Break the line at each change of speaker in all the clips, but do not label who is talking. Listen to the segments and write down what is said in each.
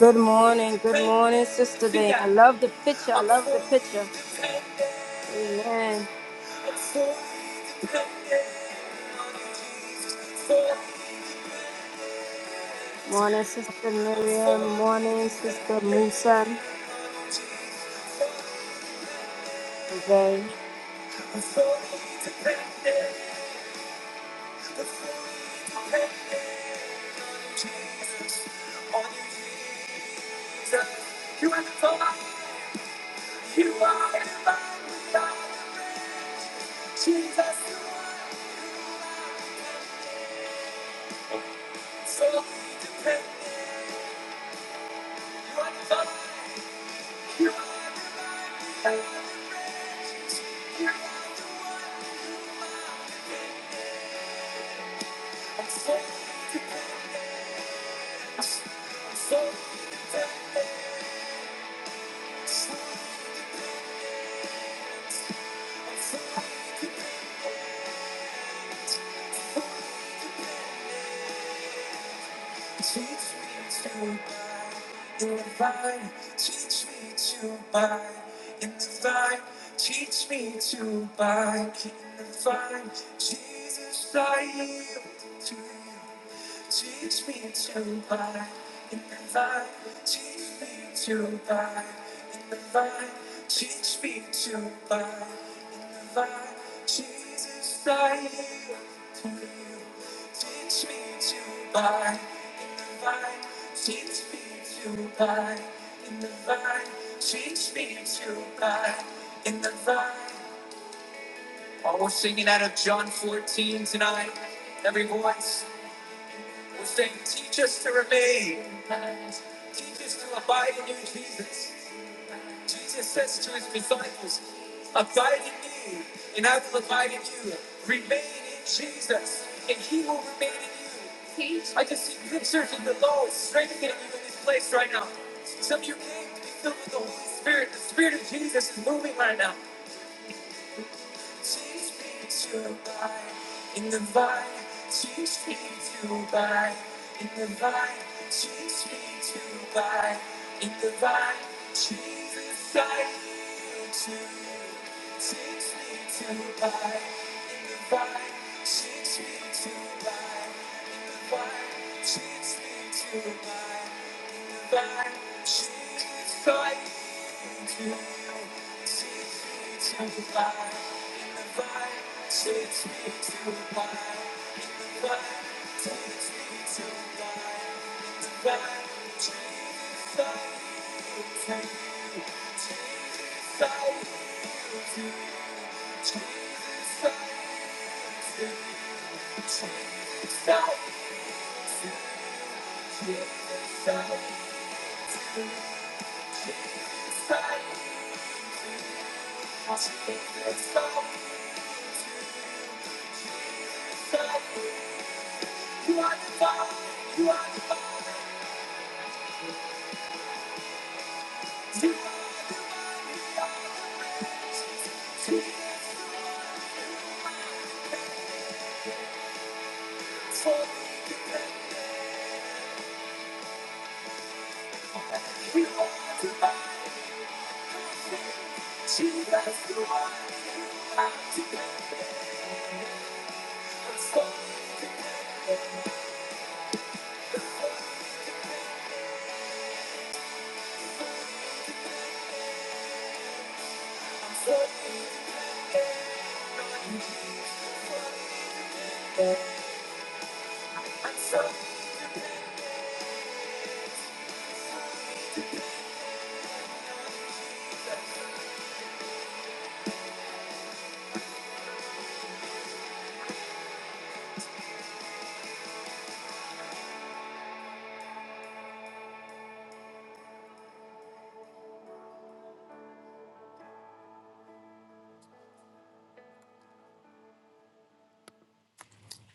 Good morning. Good morning, Sister Dane. I love the picture. I love the picture. Amen. Morning, Sister Miriam. Morning, Sister Musan. Jose.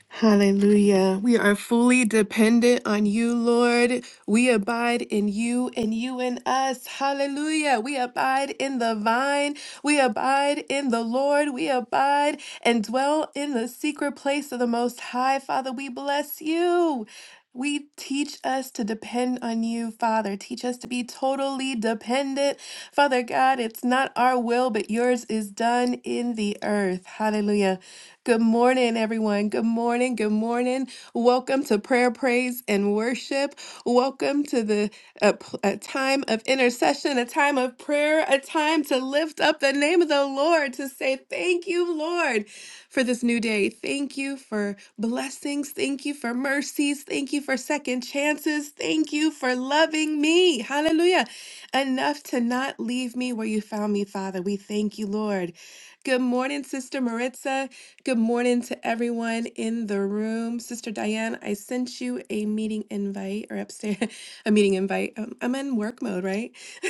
Hallelujah. We are fully dependent on you, Lord. We abide in you and you in us. Hallelujah. We abide in the vine. We abide in the Lord. We abide and dwell in the secret place of the Most High. Father, we bless you. We teach us to depend on you, Father. Teach us to be totally dependent. Father God, it's not our will, but yours is done in the earth. Hallelujah. Good morning, everyone. Good morning. Good morning. Welcome to prayer, praise, and worship. Welcome to the a, p- a time of intercession, a time of prayer, a time to lift up the name of the Lord, to say, Thank you, Lord, for this new day. Thank you for blessings. Thank you for mercies. Thank you for second chances. Thank you for loving me. Hallelujah. Enough to not leave me where you found me, Father. We thank you, Lord. Good morning, Sister Maritza. Good morning to everyone in the room. Sister Diane, I sent you a meeting invite or upstairs, a meeting invite. Um, I'm in work mode, right?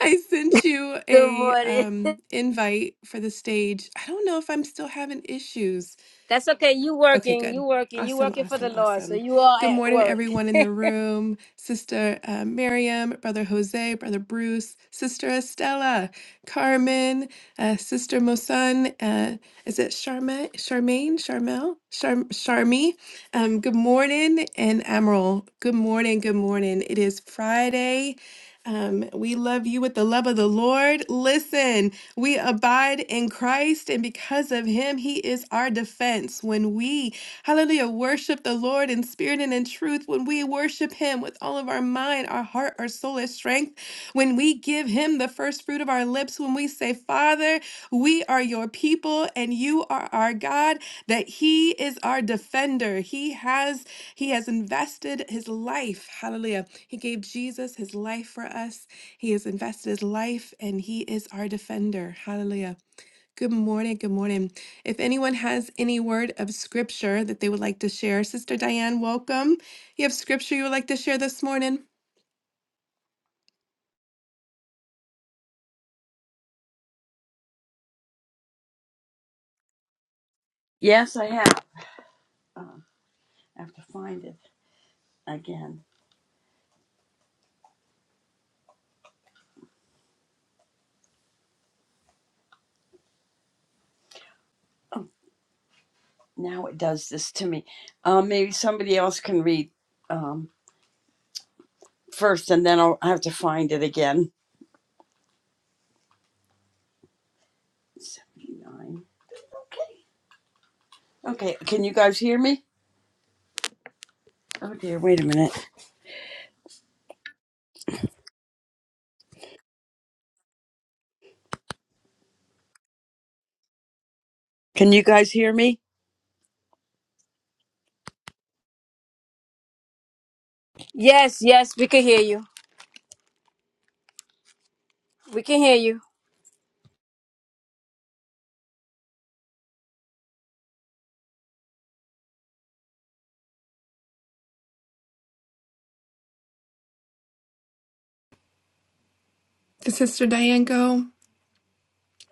I sent you
Good
a
morning.
um, invite for the stage. I don't know if I'm still having issues.
That's okay. You
Okay,
working.
good.
You working. You
Awesome,
working for the
awesome,
Lord. So
awesome.
you all
Good
at
morning,
work.
everyone in the room. Sister uh, Miriam, Brother Jose, Brother Bruce, Sister Estella, Carmen, uh, Sister Mosun. Uh, is it Charma, Charmaine, Charmel, Charm, Charmy? Um, good morning, and Emerald. Good morning, good morning. It is Friday. Um, we love you with the love of the Lord. Listen, we abide in Christ, and because of him, he is our defense. When we, hallelujah, worship the Lord in spirit and in truth, when we worship him with all of our mind, our heart, our soul, our strength, when we give him the first fruit of our lips, when we say, Father, we are your people and you are our God, that he is our defender. He has he has invested his life. Hallelujah. He gave Jesus his life for us. He has invested his life and he is our defender. Hallelujah. Good morning. Good morning. If anyone has any word of scripture that they would like to share, Sister Diane, welcome. You have scripture you would like to share this morning?
Yes, I have. Um, I have to find it again. Oh, now it does this to me. Um, maybe somebody else can read um, first, and then I'll I have to find it again. Seventy-nine. Okay, Okay, can you guys hear me? Oh dear, wait a minute. Can you guys hear me?
Yes, yes. We can hear you. We can hear you.
Did Sister Diane go?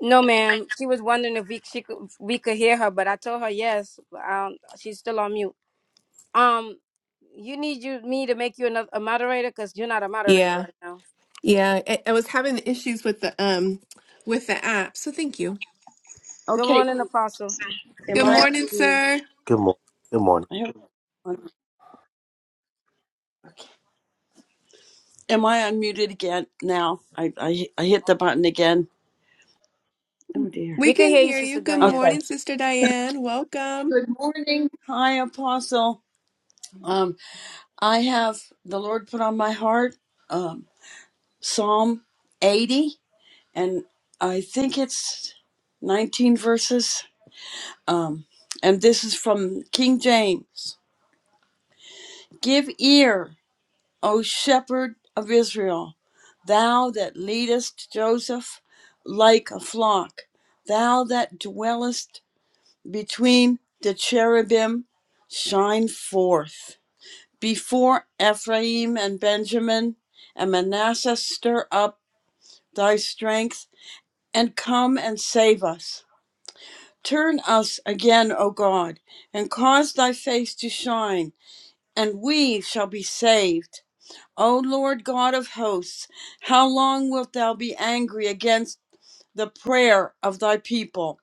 No, ma'am. She was wondering if we she could we could hear her, but I told her yes. but, Um, she's still on mute. Um, you need you me to make you another a moderator because you're not a moderator right now.
Yeah, I, I was having issues with the um with the app, so thank you.
Good
Okay,
morning, Apostle.
am
Good
I?
Blessings
morning,
to you.
sir.
Good morning. Good morning.
I hope, okay. Am I unmuted again now? I, I I hit the button again. Oh dear.
We
We can
can
hear you,
hear you.
Sister
Good
Diane.
Okay.
morning, Sister Diane. Welcome.
Hi, Apostle. Um, I have the Lord put on my heart. Um. Psalm 80, and I think it's 19 verses. Um, and this is from King James Give ear, O shepherd of Israel, thou that leadest Joseph like a flock, thou that dwellest between the cherubim, shine forth. Before Ephraim and Benjamin and Manasseh, stir up thy strength and come and save us. Turn us again, O God, and cause thy face to shine, and we shall be saved. O Lord God of hosts, how long wilt thou be angry against the prayer of thy people?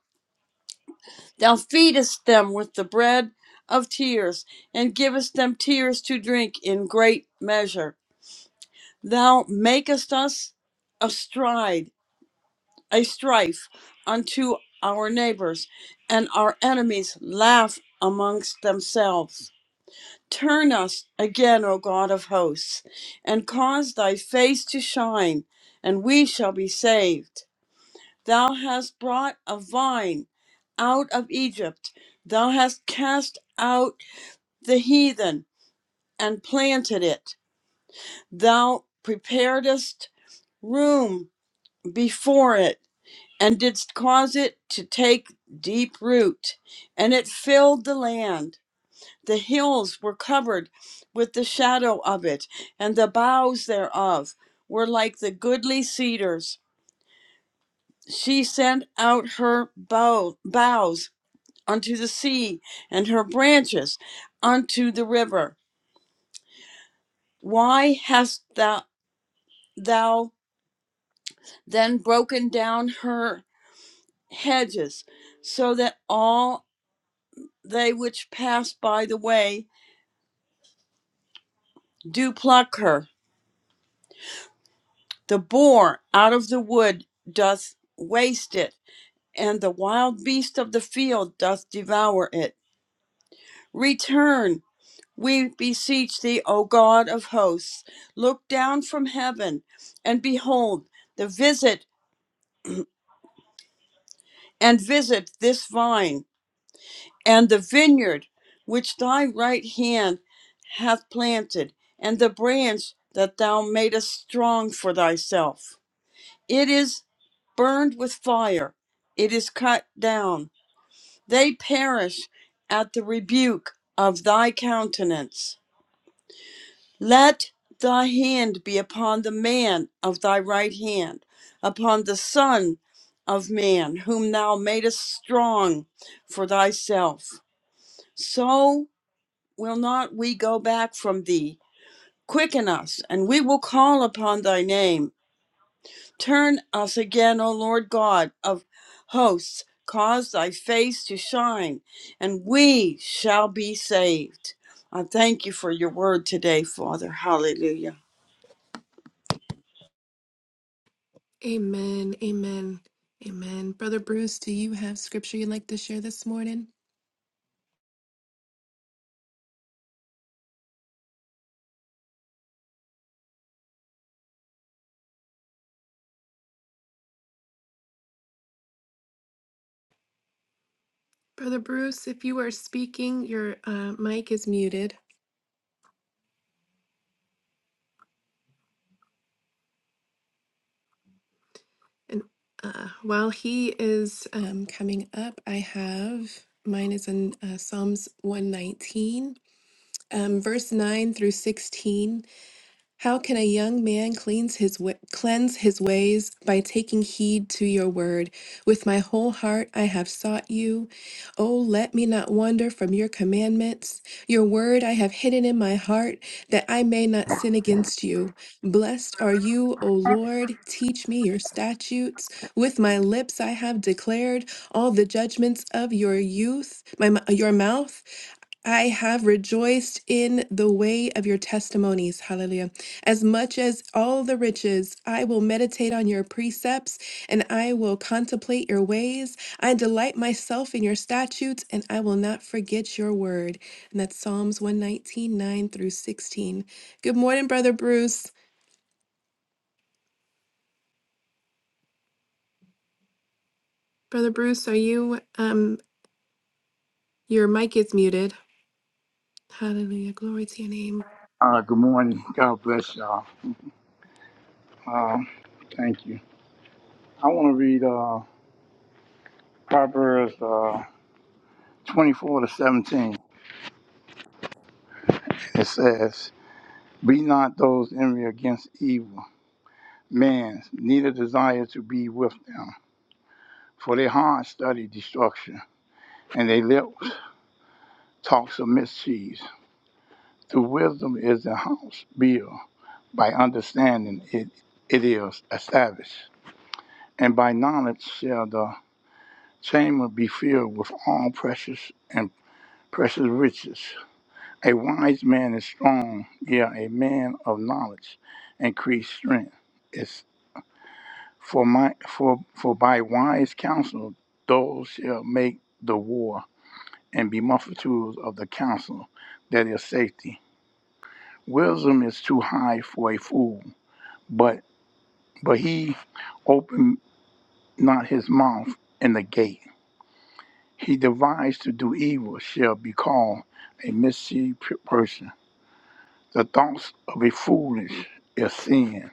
Thou feedest them with the bread of tears, and givest them tears to drink in great measure. Thou makest us astride a strife unto our neighbors, and our enemies laugh amongst themselves. Turn us again, O God of hosts, and cause thy face to shine, and we shall be saved. Thou hast brought a vine out of Egypt, thou hast cast out the heathen and planted it, thou preparedst room before it and didst cause it to take deep root, and it filled the land. The hills were covered with the shadow of it, and the boughs thereof were like the goodly cedars. She sent out her bow, boughs unto the sea, and her branches unto the river. Why hast thou, thou then broken down her hedges, so that all they which pass by the way do pluck her. The boar out of the wood doth waste it, and the wild beast of the field doth devour it. Return, we beseech thee, O God of hosts. Look down from heaven, and behold, the visit and visit this vine and the vineyard which thy right hand hath planted, and the branch that thou madest strong for thyself. It is burned with fire. It is cut down. They perish at the rebuke of thy countenance. Let thy hand be upon the man of thy right hand, upon the son of man, whom thou madest strong for thyself. So will not we go back from thee. Quicken us, and we will call upon thy name. Turn us again, O Lord God of hosts. Cause thy face to shine, and we shall be saved. I thank you for your word today, Father. Hallelujah.
Amen. Amen. Amen. Brother Bruce, do you have scripture you'd like to share this morning? Brother Bruce, if you are speaking, your uh, mic is muted. And uh, while he is um, coming up, I have mine is in uh, Psalms 119, um, verse 9 through 16. How can a young man cleanse his wa- cleanse his ways by taking heed to your word? With my whole heart I have sought you. Oh, let me not wander from your commandments. Your word I have hidden in my heart that I may not sin against you. Blessed are you, O Lord. Teach me your statutes. With my lips I have declared all the judgments of your youth, my mou- your mouth. I have rejoiced in the way of your testimonies. Hallelujah. As much as all the riches, I will meditate on your precepts and I will contemplate your ways. I delight myself in your statutes and I will not forget your word. And that's Psalms one nineteen nine through 16. Good morning, Brother Bruce. Brother Bruce, are you, um, your mic is muted. Hallelujah. Glory to your name.
Uh, good morning. God bless y'all. Um, thank you. I want to read uh, Proverbs uh, 24 to 17. It says, Be not those envy against evil men, neither desire to be with them, for their heart study destruction, and their lips talks of mischief. Through wisdom is the house built, by understanding it, it is established, and by knowledge shall the chamber be filled with all precious and precious riches. A wise man is strong, yeah, a man of knowledge, increased strength. It's for my for for by wise counsel those shall make the war and be multitudes of the counsel that is safety. Wisdom is too high for a fool, but but he opened not his mouth in the gate. He devised to do evil shall be called a mischief person The thoughts of a foolish is sin,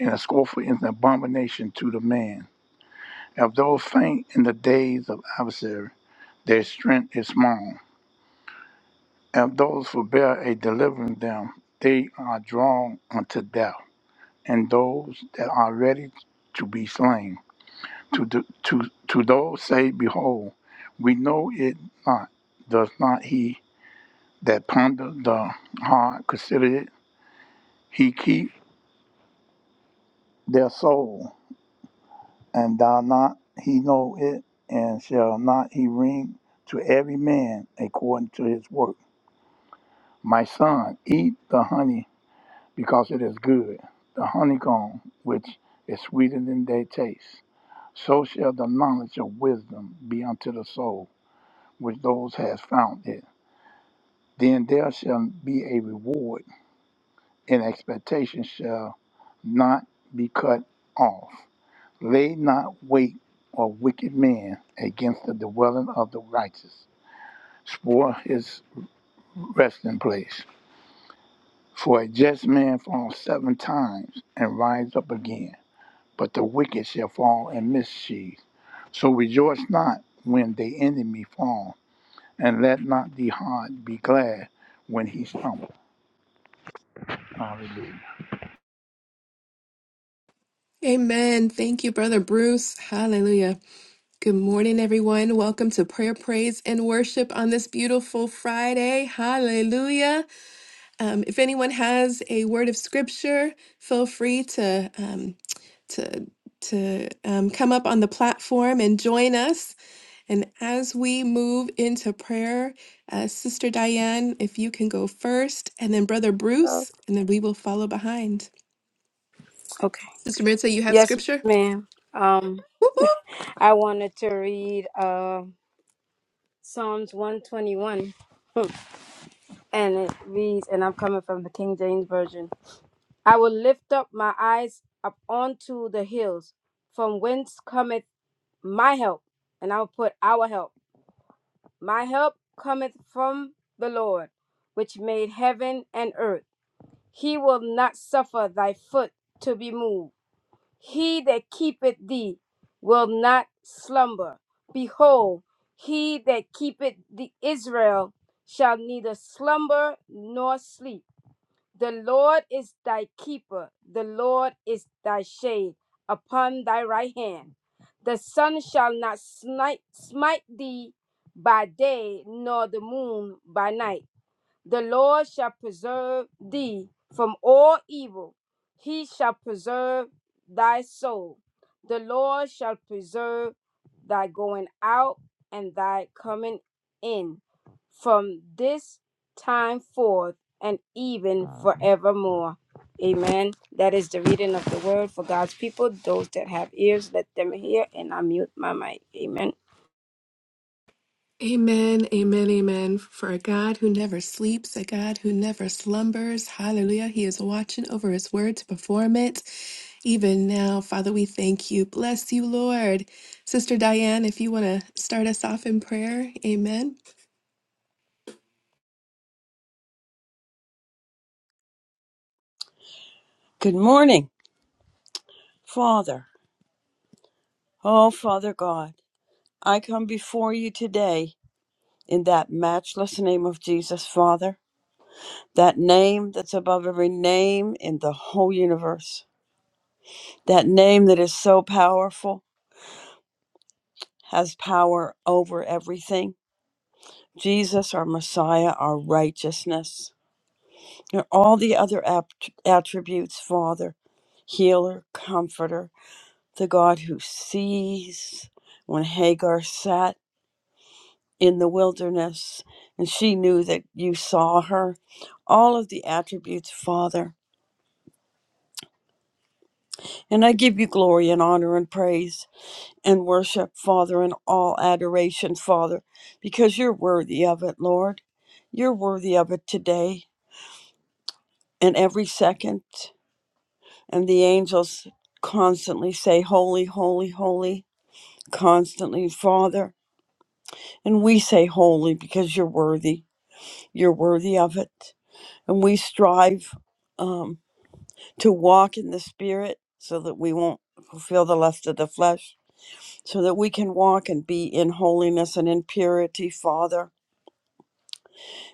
and a scornful is an abomination to the man. If those faint in the days of adversary, their strength is small. If those forbear a delivering them, they are drawn unto death. And those that are ready to be slain, to, the, to, to those say, Behold, we know it not. Does not he that ponder the heart consider it? He keep their soul and thou not he know it, and shall not he ring to every man according to his work. My son, eat the honey, because it is good, the honeycomb, which is sweeter than they taste. So shall the knowledge of wisdom be unto the soul, which those has found it. Then there shall be a reward, and expectation shall not be cut off. Lay not wait a wicked men against the dwelling of the righteous. Spoil his resting place. For a just man falls seven times and rises up again, but the wicked shall fall in mischief. So rejoice not when the enemy fall, and let not the heart be glad when he stumble. Hallelujah.
Amen. Thank you, Brother Bruce. Hallelujah. Good morning, everyone. Welcome to prayer, praise, and worship on this beautiful Friday. Hallelujah. Um, if anyone has a word of scripture, feel free to um, to to um, come up on the platform and join us. And as we move into prayer, uh, Sister Diane, if you can go first, and then Brother
Oh,
Bruce, and then we will follow behind.
Okay.
Sister Maritza, you have
Yes,
scripture.
ma'am. Um,
Woo-hoo!
I wanted to read uh, Psalms 121, and it reads, and I'm coming from the King James Version. I will lift up my eyes up onto the hills, from whence cometh my help, and I will put our help. My help cometh from the Lord, which made heaven and earth. He will not suffer thy foot to be moved. He that keepeth thee will not slumber. Behold, he that keepeth the Israel shall neither slumber nor sleep. The Lord is thy keeper, the Lord is thy shade upon thy right hand. The sun shall not smite, smite thee by day, nor the moon by night. The Lord shall preserve thee from all evil. He shall preserve thy soul. The Lord shall preserve thy going out and thy coming in from this time forth and even forevermore. Amen. That is the reading of the word for God's people. Those that have ears, let them hear. And I mute my mic. Amen.
Amen, amen, amen. For a God who never sleeps, a God who never slumbers. Hallelujah. He is watching over his word to perform it. Even now, Father, we thank you. Bless you, Lord. Sister Diane, if you want to start us off in prayer, amen.
Good morning, Father. Oh, Father God, I come before you today in that matchless name of Jesus, Father, that name that's above every name in the whole universe, that name that is so powerful, has power over everything. Jesus, our Messiah, our righteousness, and all the other apt- attributes, Father, healer, comforter, the God who sees. When Hagar sat in the wilderness and she knew that you saw her, all of the attributes, Father. And I give you glory and honor and praise and worship, Father, and all adoration, Father, because you're worthy of it, Lord. You're worthy of it today and every second. and the angels constantly say holy holy holy constantly father and we say holy because you're worthy you're worthy of it and we strive um, to walk in the spirit so that we won't fulfill the lust of the flesh so that we can walk and be in holiness and in purity father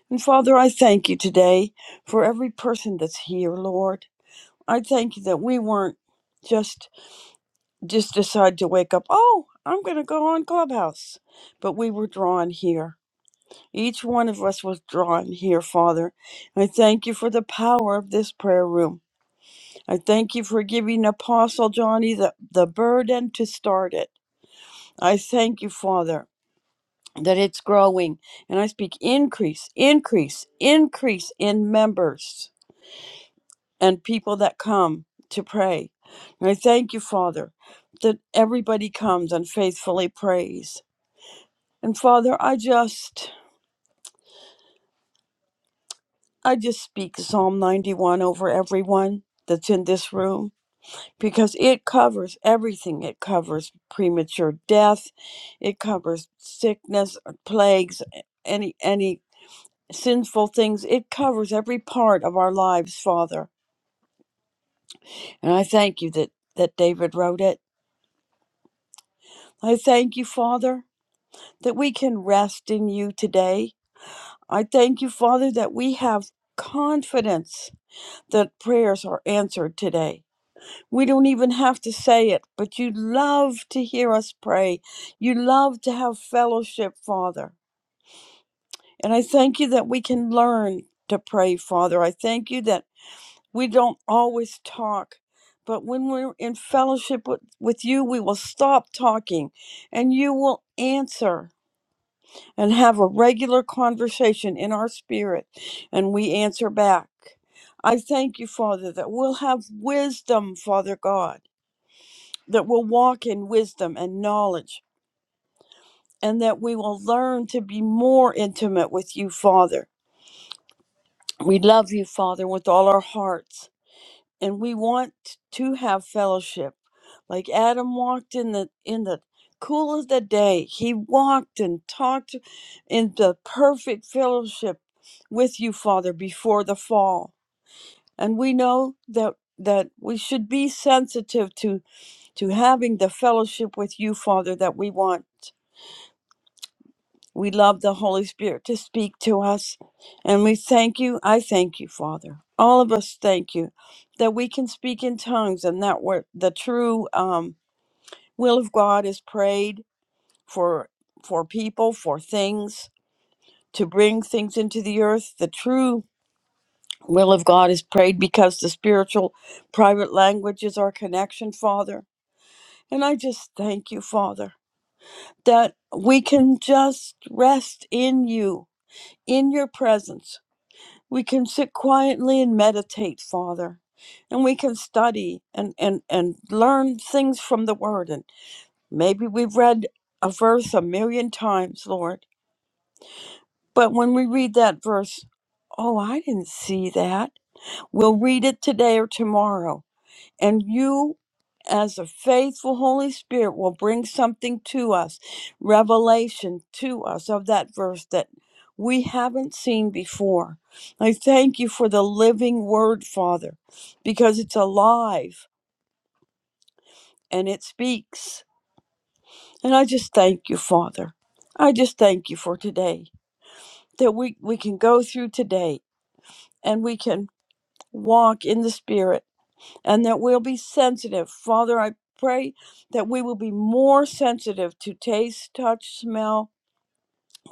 and father i thank you today for every person that's here lord i thank you that we weren't just just decide to wake up, oh, I'm going to go on Clubhouse. But we were drawn here. Each one of us was drawn here, Father. I thank you for the power of this prayer room. I thank you for giving Apostle Johnny the, the burden to start it. I thank you, Father, that it's growing. And I speak increase, increase, increase in members and people that come to pray. And I thank you, Father, that everybody comes and faithfully prays. And Father, I just I just speak Psalm 91 over everyone that's in this room because it covers everything. It covers premature death, it covers sickness, uh, plagues, any any sinful things. It covers every part of our lives, Father. And I thank you that that David wrote it. I thank you, Father, that we can rest in you today. I thank you, Father, that we have confidence that prayers are answered today. We don't even have to say it, but you love to hear us pray. You love to have fellowship, Father. And I thank you that we can learn to pray, Father. I thank you that we don't always talk, but when we're in fellowship with, with you, we will stop talking and you will answer and have a regular conversation in our spirit and we answer back. I thank you, Father, that we'll have wisdom, Father God, that we'll walk in wisdom and knowledge, and that we will learn to be more intimate with you, Father. We love you, Father, with all our hearts. and we want to have fellowship like adam walked in the in the cool of the day he walked and talked in the perfect fellowship with you father before the fall and we know that that we should be sensitive to to having the fellowship with you father that we want we love the Holy Spirit to speak to us. And we thank you. I thank you, Father. All of us thank you that we can speak in tongues and that we the true um, will of God is prayed for for people, for things, to bring things into the earth. The true will of God is prayed because the spiritual private language is our connection, Father. And I just thank you, Father, that we can just rest in you, in your presence We can sit quietly and meditate, Father. And we can study and, and, and learn things from the Word. And maybe we've read a verse a million times, Lord. But when we read that verse, oh, I didn't see that. We'll read it today or tomorrow and you as a faithful holy spirit will bring something to us revelation to us of that verse that we haven't seen before i thank you for the living word father because it's alive and it speaks and i just thank you father i just thank you for today that we we can go through today and we can walk in the spirit and that we'll be sensitive. Father, I pray that we will be more sensitive to taste, touch, smell,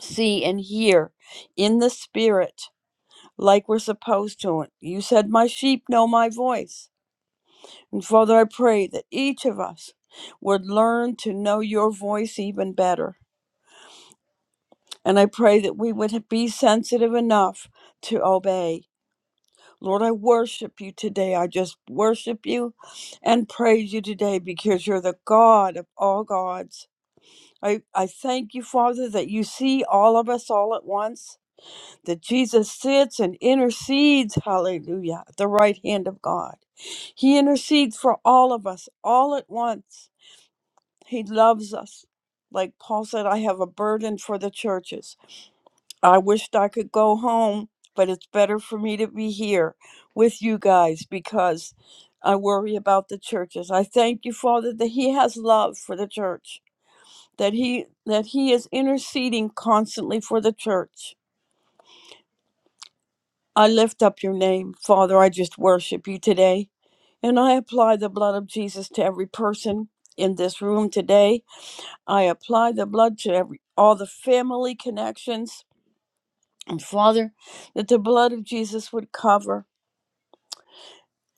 see, and hear in the spirit like we're supposed to. You said, My sheep know my voice. And Father, I pray that each of us would learn to know your voice even better. And I pray that we would be sensitive enough to obey Lord, I worship you today. I just worship you and praise you today because you're the God of all gods. I, I thank you, Father, that you see all of us all at once, that Jesus sits and intercedes, hallelujah, at the right hand of God. He intercedes for all of us all at once. He loves us. Like Paul said, I have a burden for the churches. I wished I could go home, but it's better for me to be here with you guys because I worry about the churches. I thank you, Father, that He has love for the church, that He that He is interceding constantly for the church. I lift up your name, Father. I just worship you today. And I apply the blood of Jesus to every person in this room today. I apply the blood to every all the family connections. And Father, that the blood of Jesus would cover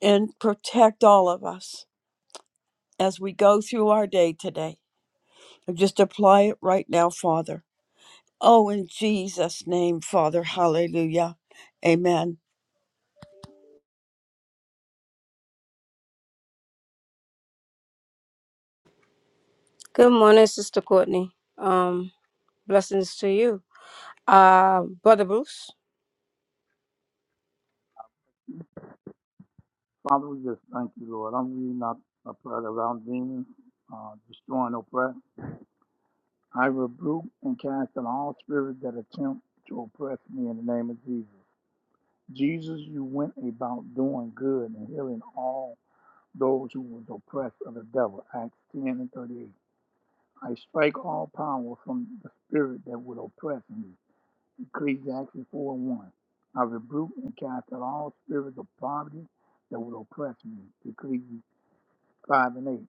and protect all of us as we go through our day today. And just apply it right now, Father. Oh, in Jesus' name, Father. Hallelujah. Amen.
Good morning, Sister Courtney. Um, blessings to you. Uh, Brother Bruce.
Father, we just thank you, Lord. I'm reading out a prayer around demons, uh, destroying oppression. I rebuke and cancel all spirits that attempt to oppress me in the name of Jesus. Jesus, you went about doing good and healing all those who were oppressed of the devil. Acts 10 and 38. I strike all power from the spirit that would oppress me. Ecclesiastes 4 and 1. I rebuke and cast out all spirits of poverty that would oppress me. Ecclesiastes 5 and 8.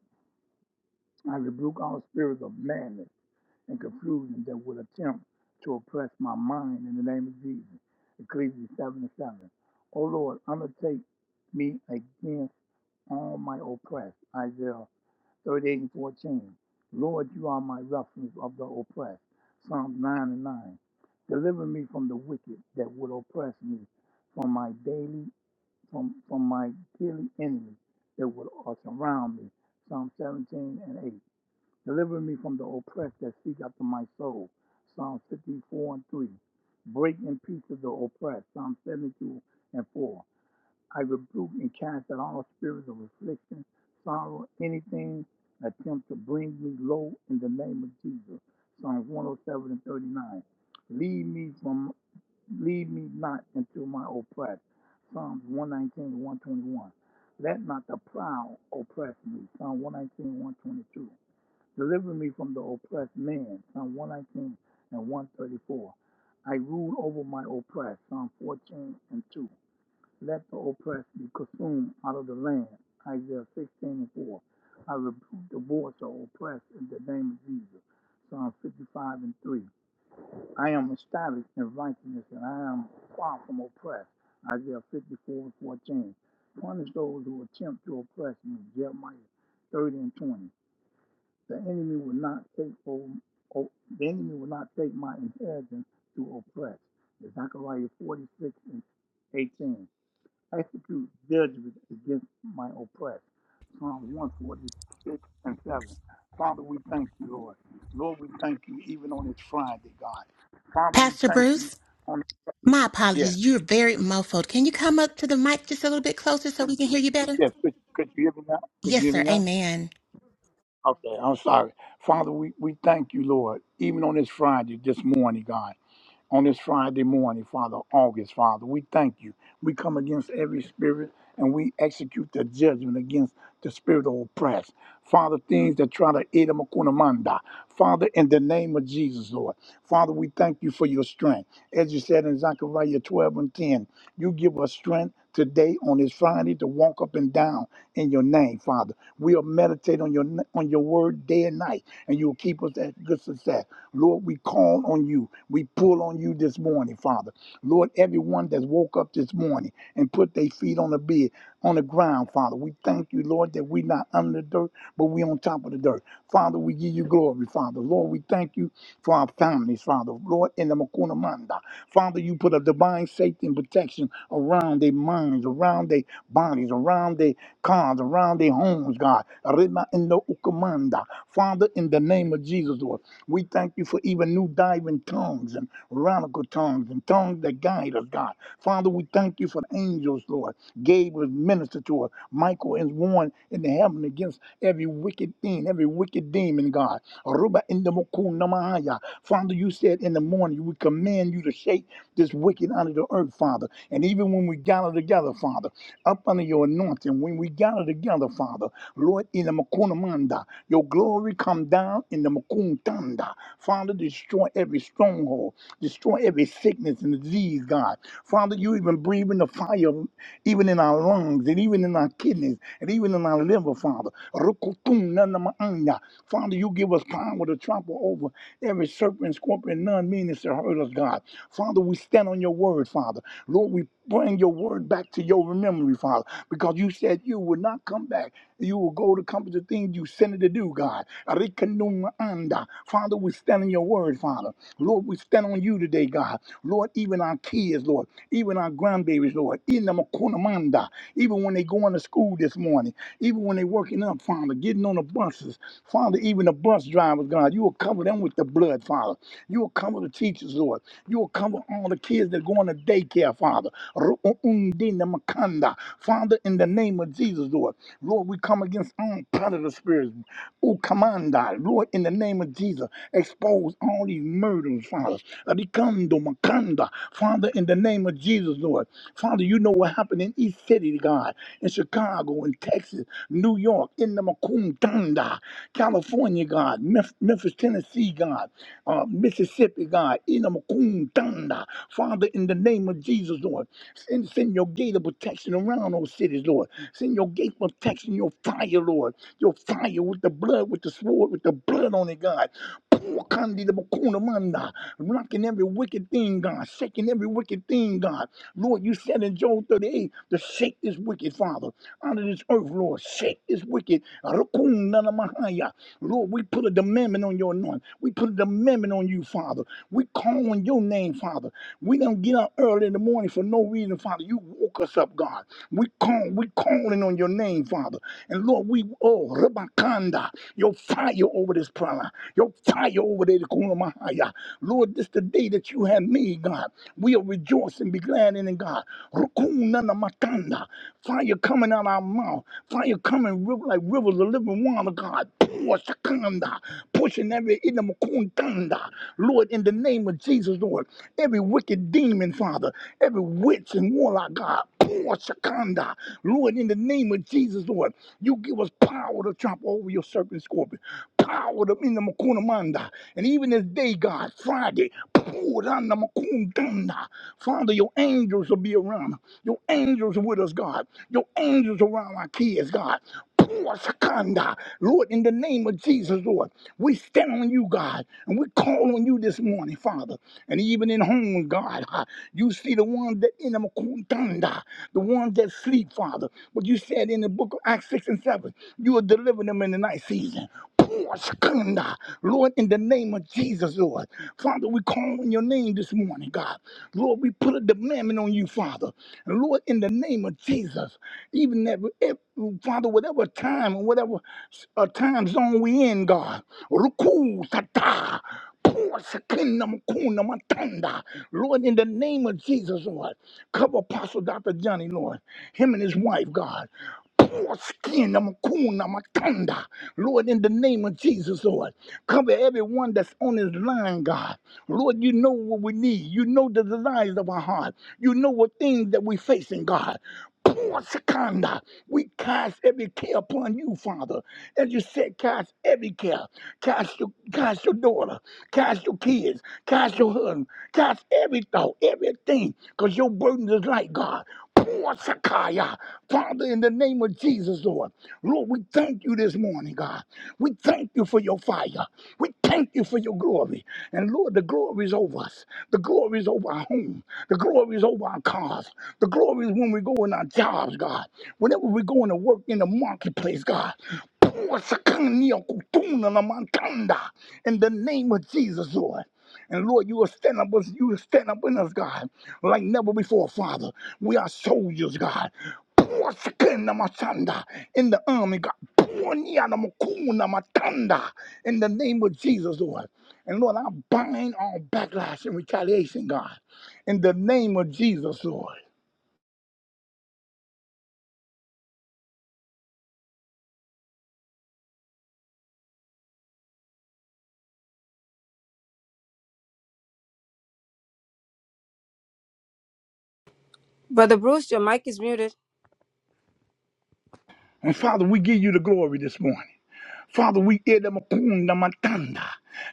I rebuke all spirits of madness and confusion that would attempt to oppress my mind in the name of Jesus. Ecclesiastes 7 and 7. O Lord, undertake me against all my oppressed. Isaiah 38 and 14. Lord, you are my refuge of the oppressed. Psalms 9 and 9. Deliver me from the wicked that would oppress me, from my daily, from, from my daily enemies that would uh, surround me. Psalm 17 and 8. Deliver me from the oppressed that seek after my soul. Psalms 54 and 3. Break in pieces the oppressed. Psalm 72 and 4. I rebuke and cast out all spirits of affliction, sorrow, anything attempt to bring me low in the name of Jesus. Psalms 107 and 39. Lead me from, lead me not into my oppressed. Psalms 119 and 121. Let not the proud oppress me. Psalm 119 and 122. Deliver me from the oppressed man. Psalm 119 and 134. I rule over my oppressed. Psalm 14 and 2. Let the oppressed be consumed out of the land. Isaiah 16 and 4. I rebuke the voice of oppressed in the name of Jesus. Psalm 55 and 3. I am established in righteousness and I am far from oppressed. Isaiah 54 and 14. Punish those who attempt to oppress me. Jeremiah 30 and 20. The enemy will not take over, o- the enemy will not take my inheritance to oppress. Zechariah 46 and 18. Execute judgment against my oppressed. Psalm 146 and 7. Father, we thank you, Lord. Lord, we thank you even on this Friday, God. Father, we
Pastor
thank you
Bruce,
on
my
Yes.
apologies. You're very muffled. Can you come up to the mic just a little bit closer so we can hear you better?
Yes. Could, could you hear me now? Could you
Yes,
hear
sir.
me now?
Amen.
Okay, I'm sorry. Father, we, we thank you, Lord, even on this Friday, this morning, God. on this Friday morning, Father, August, Father. We thank you. We come against every spirit and we execute the judgment against the spirit of oppress. Father, things that try to eat them a kunamanda. Father, in the name of Jesus, Lord. Father, we thank you for your strength. As you said in Zechariah 12 and 10, you give us strength today on this Friday to walk up and down in your name, Father. We'll meditate on your on your word day and night, and you'll keep us at good success. Lord, we call on you. We pull on you this morning, Father. Lord, everyone that woke up this morning and put their feet on the bed, on the ground, Father, we thank you, Lord, that we're not under the dirt, but we're on top of the dirt. Father, we give you glory, Father. Lord, we thank you for our families, Father. Lord, in the Makuna Manda. Father, you put a divine safety and protection around their minds, around their bodies, around their cars, around their homes, God. Rema in the Ukamanda. Father, in the name of Jesus, Lord. We thank you for even new diving tongues and radical tongues and tongues that guide us, God. Father, we thank you for the angels, Lord. Gabriel ministered to us. Michael is warned in the heaven against every wicked thing, every wicked demon, God. Ruba in Namahaya. Father, you said in the morning, we command you to shake this wicked out of the earth, Father. And even when we gather together, Father, up under your anointing, when we gather together, Father, Lord, in the Makunamanda. Your glory come down in the Makuntanda. Father, destroy every stronghold, destroy every sickness and disease, God. Father, you even breathe in the fire, even in our lungs, and even in our kidneys, and even in our liver, Father. Rukutunanamaanya. Father, you give us power to trample over every serpent, scorpion, none meaning to hurt us, God. Father, we stand on your word, Father. Lord, we bring your word back to your memory, Father, because you said you would not come back you will go to accomplish the things you sent it to do, God. Arikanuma anda. Father, we stand on your word, Father. Lord, we stand on you today, God. Lord, even our kids, Lord, even our grandbabies, Lord, in the makunamanda, even when they going to school this morning, even when they working up, Father, getting on the buses, Father, even the bus drivers, God, you will cover them with the blood, Father. You will cover the teachers, Lord. You will cover all the kids that going to daycare, Father. Ru'undina Father, in the name of Jesus, Lord, Lord, we come against all predator spirits. Ukamanda, Lord, in the name of Jesus, expose all these murders, Father. Rikando makanda. Father, in the name of Jesus, Lord. Father, you know what happened in East City, God, in Chicago, in Texas, New York, in the Macoundanda, California, God, Memf- Memphis, Tennessee, God, uh, Mississippi, God, in the Macoundanda. Father, in the name of Jesus, Lord. Send, send your gate of protection around those cities, Lord. Send your gate of protection, your fire, Lord. Your fire with the blood, with the sword, with the blood on it, God. Pour kandi the bakuna manda. Knocking every wicked thing, God. Shaking every wicked thing, God. Lord, you said in Job 38 to shake this wicked, Father, out of this earth, Lord. Shake this wicked. Rakun nana mahaya. Lord, we put a demandment on your anointing. We put a demandment on you, Father. We call on your name, Father. We don't get up early in the morning for no reason, Father. You woke us up, God. We call, we calling on your name, Father. And Lord, we oh Rabakanda, your fire over this prayer line, your fire over there. Lord, this is the day that you have made, God. We'll rejoice and be glad in it, God. Fire coming out our mouth. Fire coming riv- like rivers of living water, God. Pour, shakanda. Pushing every inamakundanda. Lord, in the name of Jesus, Lord. Every wicked demon, Father. Every witch and warlock, God. Pour, shakanda. Lord, in the name of Jesus, Lord. You give us power to trample over your serpent scorpion. Power to in the Makunamanda. And even this day, God, Friday, Father, your angels will be around. Your angels are with us, God. Your angels are around our kids, God. Lord, in the name of Jesus, Lord, we stand on you, God, and we call on you this morning, Father. And even in homes, God, ah, you see the ones that in them are contanda, the ones that sleep, Father. But you said in the book of Acts 6 and 7, you will deliver them in the night season. Lord, in the name of Jesus, Lord. Father, we call on your name this morning, God. Lord, we put a demand on you, Father. And Lord, in the name of Jesus, even that, if, Father, whatever time or whatever uh, time zone we in, God. Ruku tata. Pour sakina makuna matanda. Lord, in the name of Jesus, Lord, cover Apostle Dr. Johnny, Lord, him and his wife, God. Poor skin, I'm I'm a coon, I'm a thunder. Lord, in the name of Jesus, Lord, cover everyone that's on this line, God. Lord, you know what we need. You know the desires of our heart. You know what things that we're facing, God. Poor Shekinah, We cast every care upon you, Father. As you said, cast every care. Cast your, cast your daughter. Cast your kids. Cast your husband. Cast every thought, everything, because your burden is light, God. Poor Sakaya. Father, in the name of Jesus, Lord. Lord, we thank you this morning, God. We thank you for your fire. We thank you for your glory. And Lord, the glory is over us. The glory is over our home. The glory is over our cars. The glory is when we go in our jobs, God. Whenever we're going to work in the marketplace, God. Pour sakania kutuna na mantanda In the name of Jesus, Lord. And Lord, you will stand up with you will stand up in us, God, like never before, Father. We are soldiers, God. Pour skin on my thunder In the army, God. Pour me on my coon on my thunder In the name of Jesus, Lord. And Lord, I bind all backlash and retaliation, God. In the name of Jesus, Lord.
Brother Bruce, your mic is muted.
And Father, we give you the glory this morning. Father, we edamakunda matanda.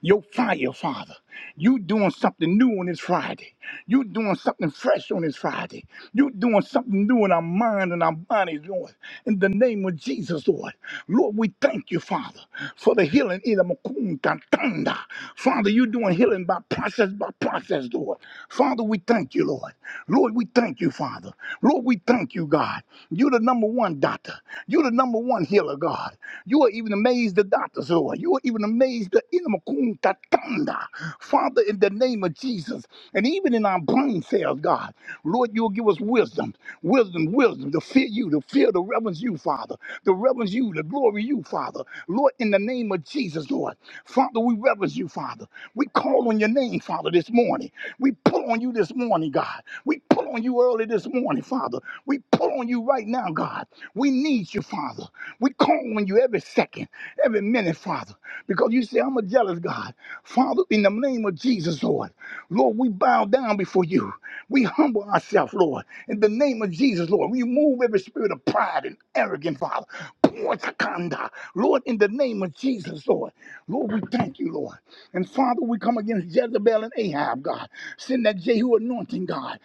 Your fire, Father. You doing something new on this Friday. You doing something fresh on this Friday. You doing something new in our mind and our bodies, Lord. In the name of Jesus, Lord. Lord, we thank you, Father, for the healing. edamakunda tanda. Father, you doing healing by process by process, Lord. Father, we thank you, Lord. Lord, we thank you, Father. Lord, we thank you, God. You're the number one doctor. You're the number one healer, God. You are even amazed the doctors who are. You are even amazed the inimakuntatanda. Father, in the name of Jesus, and even in our brain cells, God, Lord, you'll give us wisdom, wisdom, wisdom to fear you, to fear the reverence you, Father, to reverence you, to glory you, Father. Lord, in the name of Jesus, Lord, Father, we reverence you, Father. We call on your name, Father, this morning. We pull on you this morning, God. We pull on you early this morning, Father. We pull on you right now, God. We need you, Father. We call on you every second, every minute, Father, because you say, I'm a jealous God. Father, in the name of Jesus, Lord, Lord, we bow down before you. We humble ourselves, Lord, in the name of Jesus, Lord. We move every spirit of pride and arrogance, Father. Pour Takanda, Lord, in the name of Jesus, Lord. Lord, we thank you, Lord. And Father, we come against Jezebel and Ahab, God. Send that Jehu anointing, God.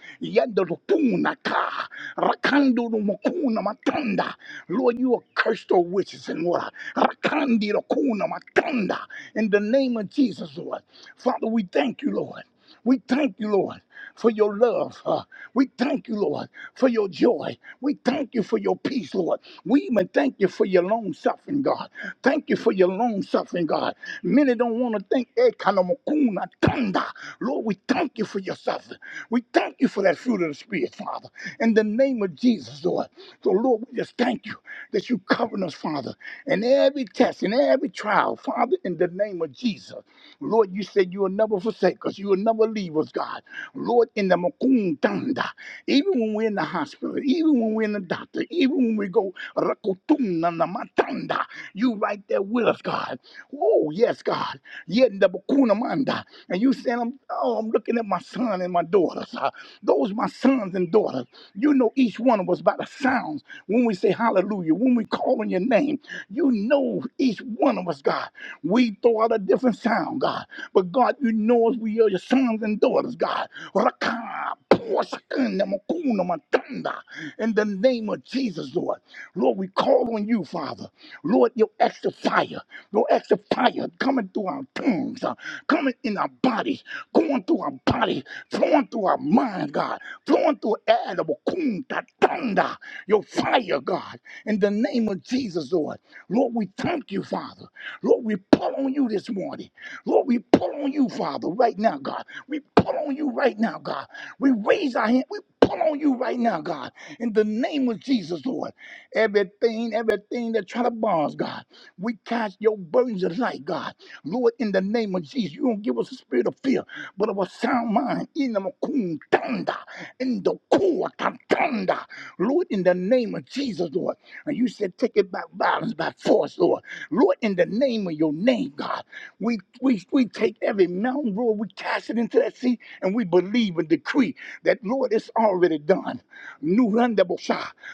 Lord, you are cursed, O witches and water. Rakandi Rakuna Matanda. In the name of Jesus, Lord. Father, we thank you, Lord. We thank you, Lord, for your love. uh, we thank you, Lord, for your joy. We thank you for your peace, Lord. We even thank you for your long suffering, God. Thank you for your long suffering, God. Many don't want to thank Ekanamakuna Tanda. Lord, we thank you for your suffering. We thank you for that fruit of the Spirit, Father. In the name of Jesus, Lord. Lord. So, Lord, we just thank you that you covering us, Father, in every test, in every trial, Father, in the name of Jesus. Lord, you said you will never forsake us. You will never leave us, God. Lord, in the Makundanda, even when we're in the hospital, even when we're in the doctor, even when we go, Rakutunda na Matanda, you right there with us, God. Oh, yes, God. Yet in the Makunamanda. And you saying, I'm, oh, I'm looking at my son and my daughters. uh, those my sons and daughters. You know each one of us by the sounds when we say hallelujah, when we call on your name. You know each one of us, God. We throw out a different sound, God. But God, you know us. We are your sons and daughters, God. Raka, poshakanda, makuna, matanda. In the name of Jesus, Lord. Lord, we call on you, Father. Lord, your extra fire, your extra fire coming through our tongues, uh, coming in our bodies, going through our body, flowing through our mind, God blowing through air, the wakum, da thunder, your fire, God, in the name of Jesus, Lord. Lord, we thank you, Father. Lord, we pull on you this morning. Lord, we pull on you, Father, right now, God. We pull on you right now, God. We raise our hand. We pull on you right now, God. In the name of Jesus, Lord. Everything, everything that try to bond us, God. We cast your burdens of light, God. Lord, in the name of Jesus, you don't give us a spirit of fear, but of a sound mind. In the Makun thunder in the core contender. Lord, in the name of Jesus, Lord. And you said take it by violence, by force, Lord. Lord, in the name of your name, God. We we we take every mountain, Lord, we cast it into that sea, and we believe and decree that Lord, it's already done. New rendezvous,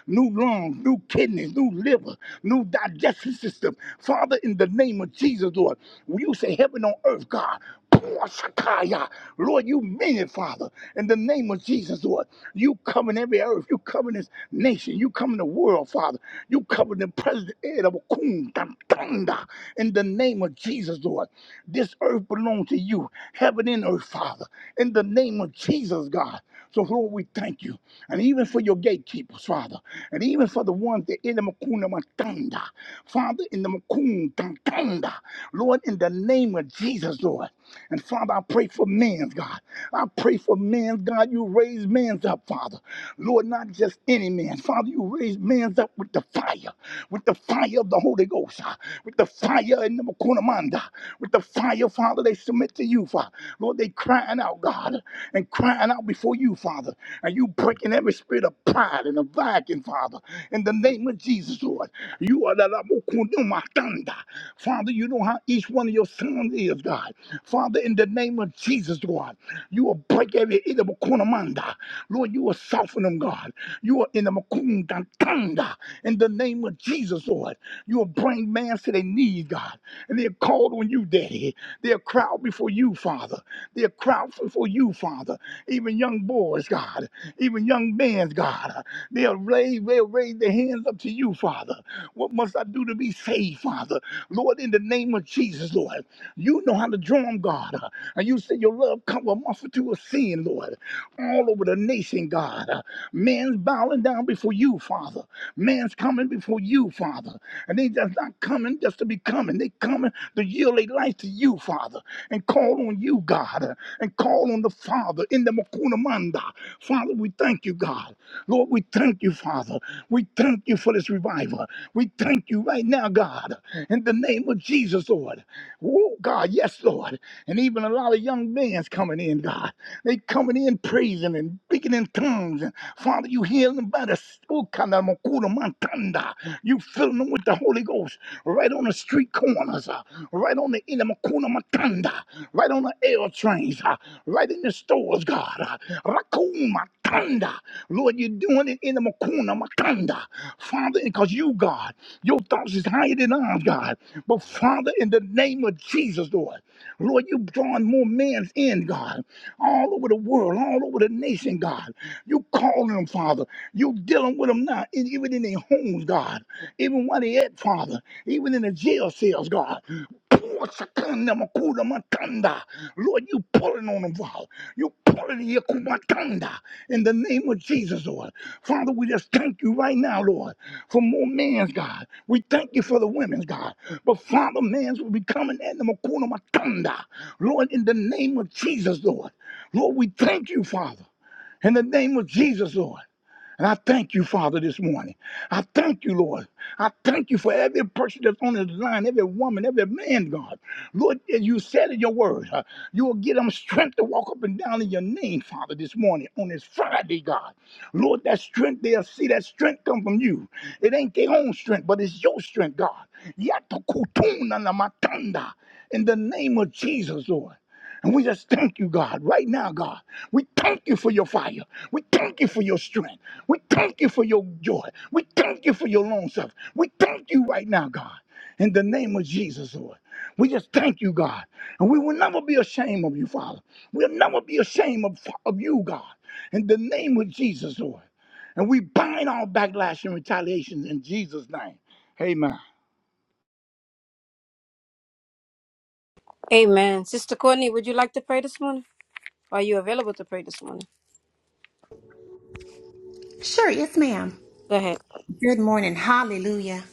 new lungs, new kidneys, new liver, new digestive system. Father, in the name of Jesus, Lord, you say heaven on earth, God. Pour, Shakaya. Lord, you mean it, Father. In the name of name of Jesus, Lord. You covering every earth. You covering this nation. You covering the world, Father. You covering the president Ed Abakun Tantanda. in the name of Jesus, Lord. This earth belongs to you. Heaven and earth, Father. In the name of Jesus, God. So, Lord, we thank you. And even for your gatekeepers, Father. And even for the ones that in the Makuna Matanda. Father, in the Makun Tantanda. Lord, in the name of Jesus, Lord. And Father, I pray for men, God. I pray for men, God. You raise men up, Father. Lord, not just any man. Father, you raise men up with the fire, with the fire of the Holy Ghost, ah, with the fire in the Makunamanda, with the fire, Father, they submit to you, Father. Lord, they crying out, God. Father, and crying out before you, Father. And you breaking every spirit of pride and of vacuum, Father, in the name of Jesus, Lord. You are the Labukundumatanda. Father, you know how each one of your sons is, God. Father, in the name of Jesus, Lord, you will break every Idabukunamanda. Lord, you will soften them, God. You are in the Makundantanda. In the name of Jesus, Lord, you will bring man to their knees, God. And they're called on you, Daddy. They'll crowd before you, Father. They're crowded for you, Father. Even young boys, God. Even young men's God. They'll raise, they'll raise their hands up to you, Father. What must I do to be saved, Father? Lord, in the name of Jesus, Lord. You know how to draw them, God. And you said your love come with multitude of sin, Lord. All over the nation, God. Man's bowing down before you, Father. Man's coming before you, Father. And they just not coming just to be coming. They coming to yield their life to you, Father and call on you, God, and call on the Father in the Makunamanda. Father, we thank you, God. Lord, we thank you, Father. We thank you for this revival. We thank you right now, God, in the name of Jesus, Lord. Oh, God, yes, Lord. And even a lot of young men's coming in, God. They coming in praising and speaking in tongues. And Father, you heal them by the Okana Makuna Mantanda. You filling them with the Holy Ghost right on the street corners, uh, right on the inner Makuna Matanda, right on the air trains, uh, right in the stores, God. uh, Rakuma Tanda. Lord, you're doing it in the Makuna Matanda. Father, because you, God, your thoughts is higher than ours, God. But Father, in the name of Jesus, Lord. Lord, you're drawing more men in, God, all over the world, all over the nation, God. You calling them, Father. You dealing with them now, e- even in their homes, God. Even where they at, Father. Even in the jail cells, God. Pour shakanda makuda matanda. Lord, you pulling on them, Father. You pulling the yakumatanda in the name of Jesus, Lord. Father, we just thank you right now, Lord for more men's God. We thank you for the women's God. But Father, men's will be coming in the Makuna Matanda. Lord, in the name of Jesus, Lord. Lord, we thank you, Father. In the name of Jesus, Lord. And I thank you, Father, this morning. I thank you, Lord. I thank you for every person that's on this line, every woman, every man, God. Lord, as you said in your word, uh, you will give them strength to walk up and down in your name, Father, this morning on this Friday, God. Lord, that strength they'll see, that strength come from you. It ain't their own strength, but it's your strength, God. Yatakutuna na matanda. In the name of Jesus, Lord. And we just thank you, God, right now, God. We thank you for your fire. We thank you for your strength. We thank you for your joy. We thank you for your long suffering. We thank you right now, God, in the name of Jesus, Lord. We just thank you, God. And we will never be ashamed of you, Father. We'll never be ashamed of, of you, God, in the name of Jesus, Lord. And we bind all backlash and retaliations in Jesus' name. Amen.
Amen. Sister Courtney, would you like to pray this morning? Are you available to pray this morning?
Sure. Yes, ma'am.
Go ahead.
Good morning. Hallelujah.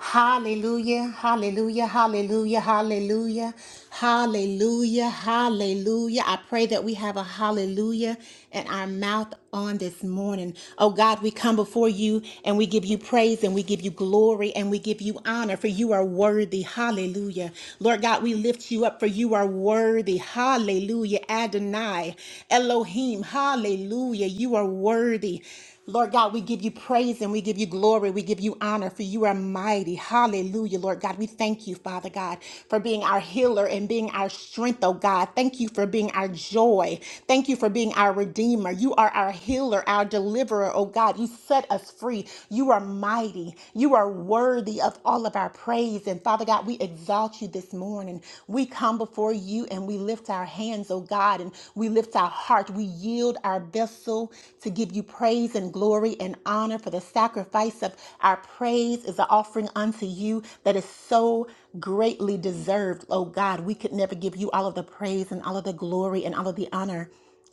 Hallelujah. Hallelujah. Hallelujah. Hallelujah. Hallelujah. Hallelujah. I pray that we have a hallelujah in our mouth on this morning. Oh God, we come before you and we give you praise and we give you glory and we give you honor for you are worthy. Hallelujah. Lord God, we lift you up for you are worthy. Hallelujah. Adonai, Elohim. Hallelujah. You are worthy. Lord God, we give you praise and we give you glory. We give you honor for you are mighty. Hallelujah, Lord God. We thank you, Father God, for being our healer and being our strength, oh God. Thank you for being our joy. Thank you for being our redeemer. You are our healer, our deliverer, oh God. You set us free. You are mighty. You are worthy of all of our praise. And Father God, we exalt you this morning. We come before you and we lift our hands, oh God, and we lift our hearts heart, we yield our vessel to give you praise and glory and honor for the sacrifice of our praise is an offering unto you that is so greatly deserved. Oh God, we could never give you all of the praise and all of the glory and all of the honor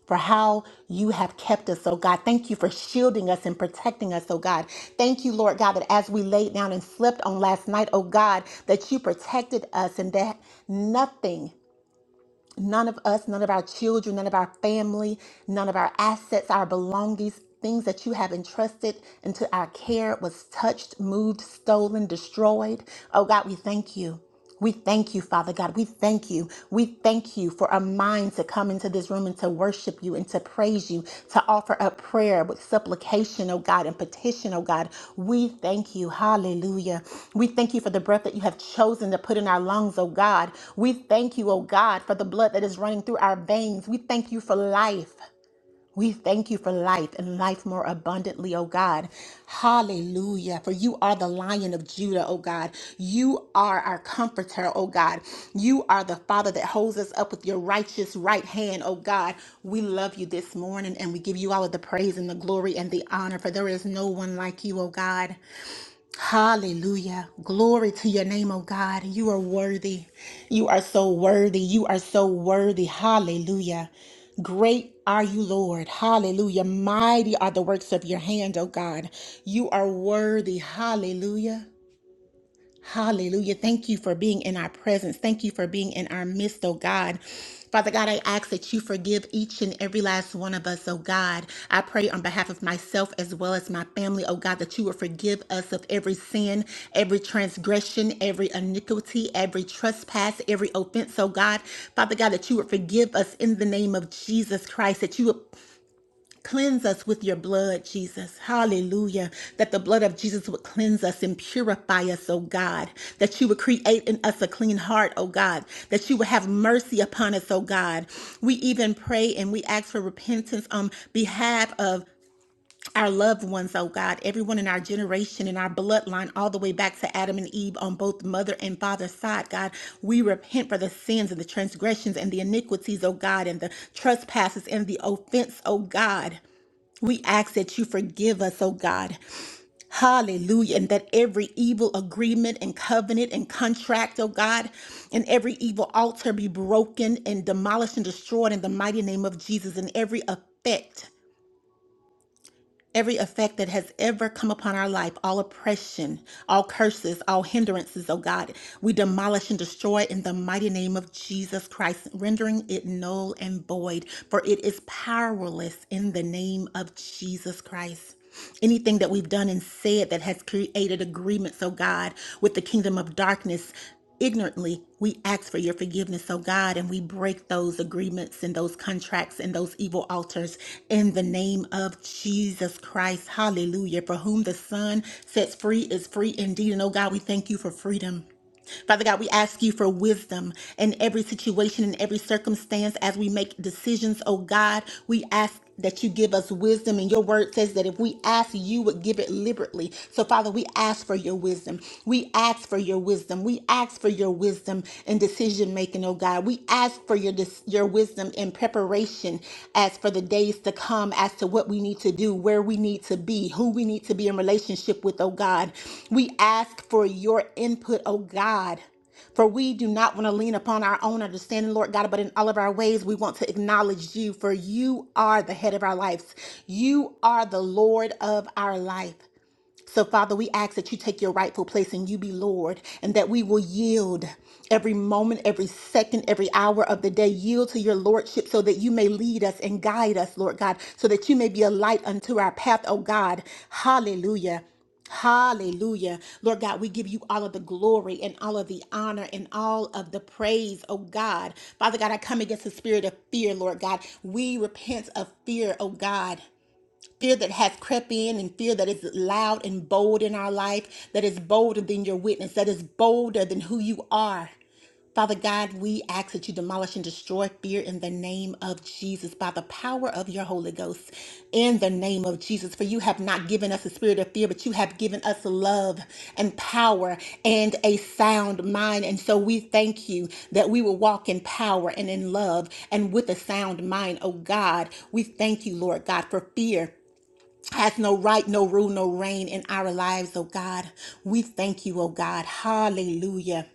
for how you have kept us, oh God. Thank you for shielding us and protecting us, oh God. Thank you, Lord God, that as we laid down and slept on last night, oh God, that you protected us and that nothing. None of us, none of our children, none of our family, none of our assets, our belongings, things that you have entrusted into our care was touched, moved, stolen, destroyed. Oh God, we thank you. We thank you, Father God. We thank you. We thank you for a mind to come into this into this room and to worship you and to praise you, to offer up prayer with supplication, oh God, and petition, oh God. We thank you. Hallelujah. We thank you for the breath that you have chosen to put in our lungs, oh God. We thank you, oh God, for the blood that is running through our veins. We thank you for life. We thank you for life and life more abundantly, O God. Hallelujah. For you are the lion of Judah, O God. You are our comforter, O God. You are the Father that holds us up with your righteous right hand, O God. We love you this morning and we give you all of the praise and the glory and the honor, for there is no one like you, O God. Hallelujah. Glory to your name, oh God. You are worthy. You are so worthy. You are so worthy. Hallelujah. Great are you, Lord. Hallelujah. Mighty are the works of your hand, oh God. You are worthy. Hallelujah. Hallelujah. Thank you for being in our presence. Thank you for being in our midst, oh God. Father God, I ask that you forgive each and every last one of us, oh God. I pray on behalf of myself as well as my family, oh God, that you will forgive us of every sin, every transgression, every iniquity, every trespass, every offense, oh God. Father God, that you would forgive us in the name of Jesus Christ, that you would Cleanse us with your blood, Jesus. Hallelujah. That the blood of Jesus would cleanse us and purify us, oh God. That you would create in us a clean heart, oh God. That you would have mercy upon us, oh God. We even pray and we ask for repentance on behalf of our loved ones, oh God, everyone in our generation, in our bloodline, all the way back to Adam and Eve on both mother and father's side, God. We repent for the sins and the transgressions and the iniquities, oh God, and the trespasses and the offense, oh God. We ask that you forgive us, oh God. Hallelujah. And that every evil agreement and covenant and contract, oh God, and every evil altar be broken and demolished and destroyed in the mighty name of Jesus and every effect. Every effect that has ever come upon our life, all oppression, all curses, all hindrances, oh God, we demolish and destroy in the mighty name of Jesus Christ, rendering it null and void, for it is powerless in the name of Jesus Christ. Anything that we've done and said that has created agreements, oh God, with the kingdom of darkness, ignorantly we ask for your forgiveness oh god and we break those agreements and those contracts and those evil altars in the name of jesus christ hallelujah for whom the son sets free is free indeed and oh god we thank you for freedom Father God, we ask you for wisdom in every situation, in every circumstance as we make decisions, oh God. We ask that you give us wisdom, and your word says that if we ask, you would give it liberally. So, Father, we ask for your wisdom. We ask for your wisdom. We ask for your wisdom in decision making, oh God. We ask for your, dis- your wisdom in preparation preparation as for the days to come as to what we need to do, where we need to be, who we need to be in relationship with, oh God. We ask for your input, oh God. For we do not want to lean upon our own understanding, Lord God, but in all of our ways, we want to acknowledge you, for you are the head of our lives. You are the Lord of our life. So, Father, we ask that you take your rightful place and you be Lord, and that we will yield every moment, every second, every hour of the day, yield to your Lordship so that you may lead us and guide us, Lord God, so that you may be a light unto our path, oh God. Hallelujah. Hallelujah. Lord God, we give you all of the glory and all of the honor and all of the praise, oh God. Father God, I come against the spirit of fear, Lord God. We repent of fear, oh God fear that has crept in and fear that is loud and bold in our life, that is bolder than your witness, that is bolder than who you are. Father God, we ask that you demolish and destroy fear in the name of Jesus by the power of your Holy Ghost. In the name of Jesus, for you have not given us a spirit of fear, but you have given us love and power and a sound mind. And so we thank you that we will walk in power and in love and with a sound mind, oh God. We thank you, Lord God, for fear. Has no right, no rule, no reign in our lives, oh God. We thank you, oh God. Hallelujah.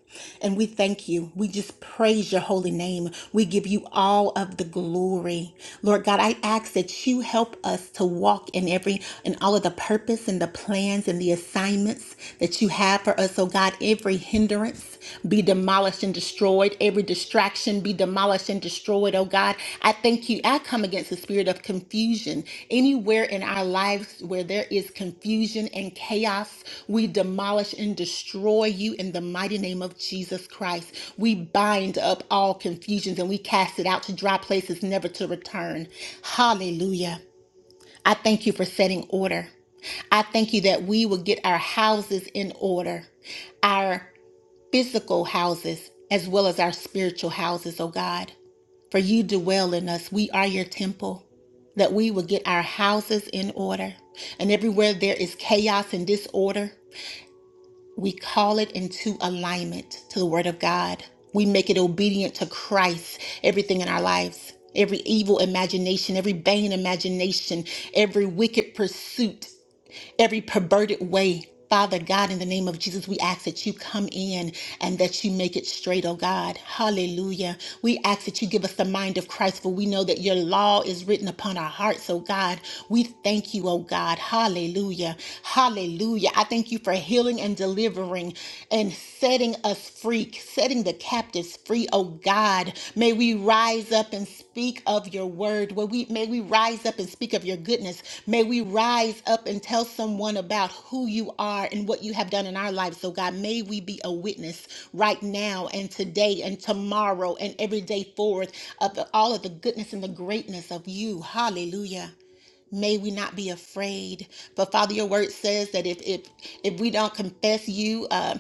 And we thank you. We just praise your holy name. We give you all of the glory. Lord God, I ask that you help us to walk in every in all of the purpose and the plans and the assignments that you have for us, oh God. Every hindrance be demolished and destroyed. Every distraction be demolished and destroyed, oh God. I thank you. I come against the spirit of confusion. Anywhere in our lives where there is confusion and chaos, we demolish and destroy you in the mighty name of Jesus Christ. We bind up all confusions and we cast it out to dry places, never to return. Hallelujah. I thank you for setting order. I thank you that we will get our houses in order. Our physical houses as well as our spiritual houses, O God. For you dwell in us. We are your temple, that we will get our houses in order. And everywhere there is chaos and disorder, we call it into alignment to the Word of God. We make it obedient to Christ, everything in our lives, every evil imagination, every vain imagination, every wicked pursuit every perverted way. Father God, in the name of Jesus, we ask that you come in and that you make it straight, oh God. Hallelujah. We ask that you give us the mind of Christ, for we know that your law is written upon our hearts, oh God. We thank you, oh God. Hallelujah. Hallelujah. I thank you for healing and delivering and setting us free, setting the captives captives free, oh God. May we rise up and speak of your word. May we, may we rise up and speak of your goodness. May we rise up and tell someone about who you are and what you have done in our lives. So, God, may we be a witness right now and today and tomorrow and every day forward of the- all of the goodness and the greatness of you. Hallelujah. May we not be afraid. But Father, your word says that if if if we don't confess you, um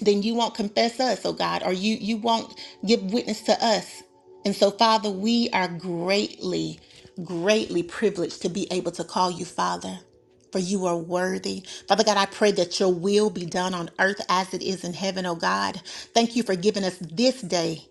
then you won't confess us, oh God, or you you won't give witness to us. And so, Father, we are greatly, greatly privileged to be able to call you Father. For you are worthy. Father God, I pray that your will be done on earth as it is in heaven, oh God. Thank you for giving us this day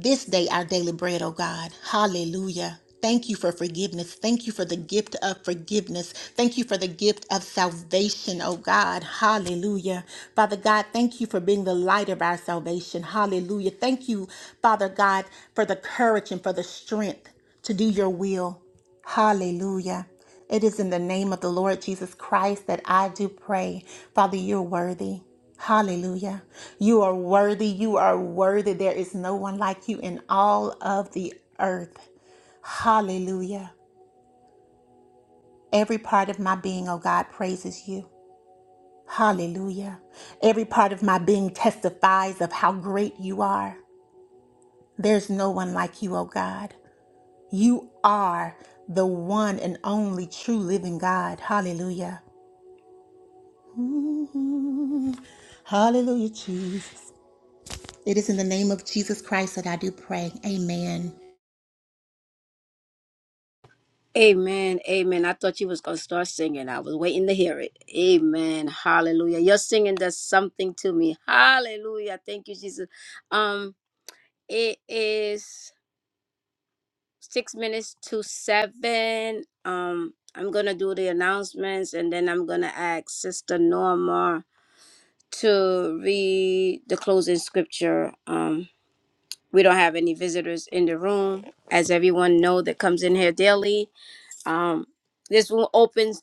this day, our daily bread, oh God. Hallelujah. Thank you for forgiveness. Thank you for the gift of forgiveness. Thank you for the gift of salvation, oh God. Hallelujah. Father God, thank you for being the light of our salvation. Hallelujah. Thank you, Father God, for the courage and for the strength to do your will. Hallelujah. It is in the name of the Lord Jesus Christ that I do pray. Father, you're worthy. Hallelujah. You are worthy. You are worthy. There is no one like you in all of the earth. Hallelujah. Every part of my being, oh God, praises you. Hallelujah. Every part of my being testifies of how great you are. There's no one like you, oh God. You are the one and only true living God. Hallelujah. Hallelujah, Jesus. It is in the name of Jesus Christ that I do pray. Amen.
Amen. Amen. I thought you was gonna start singing. I was waiting to hear it. Amen. Hallelujah. Your singing does something to me. Hallelujah. Thank you, Jesus. Um, it is six minutes to seven. Um, I'm gonna do the announcements and then I'm gonna ask Sister Norma to read the closing scripture. Um, we don't have any visitors in the room, as everyone know that comes in here daily. Um, this room opens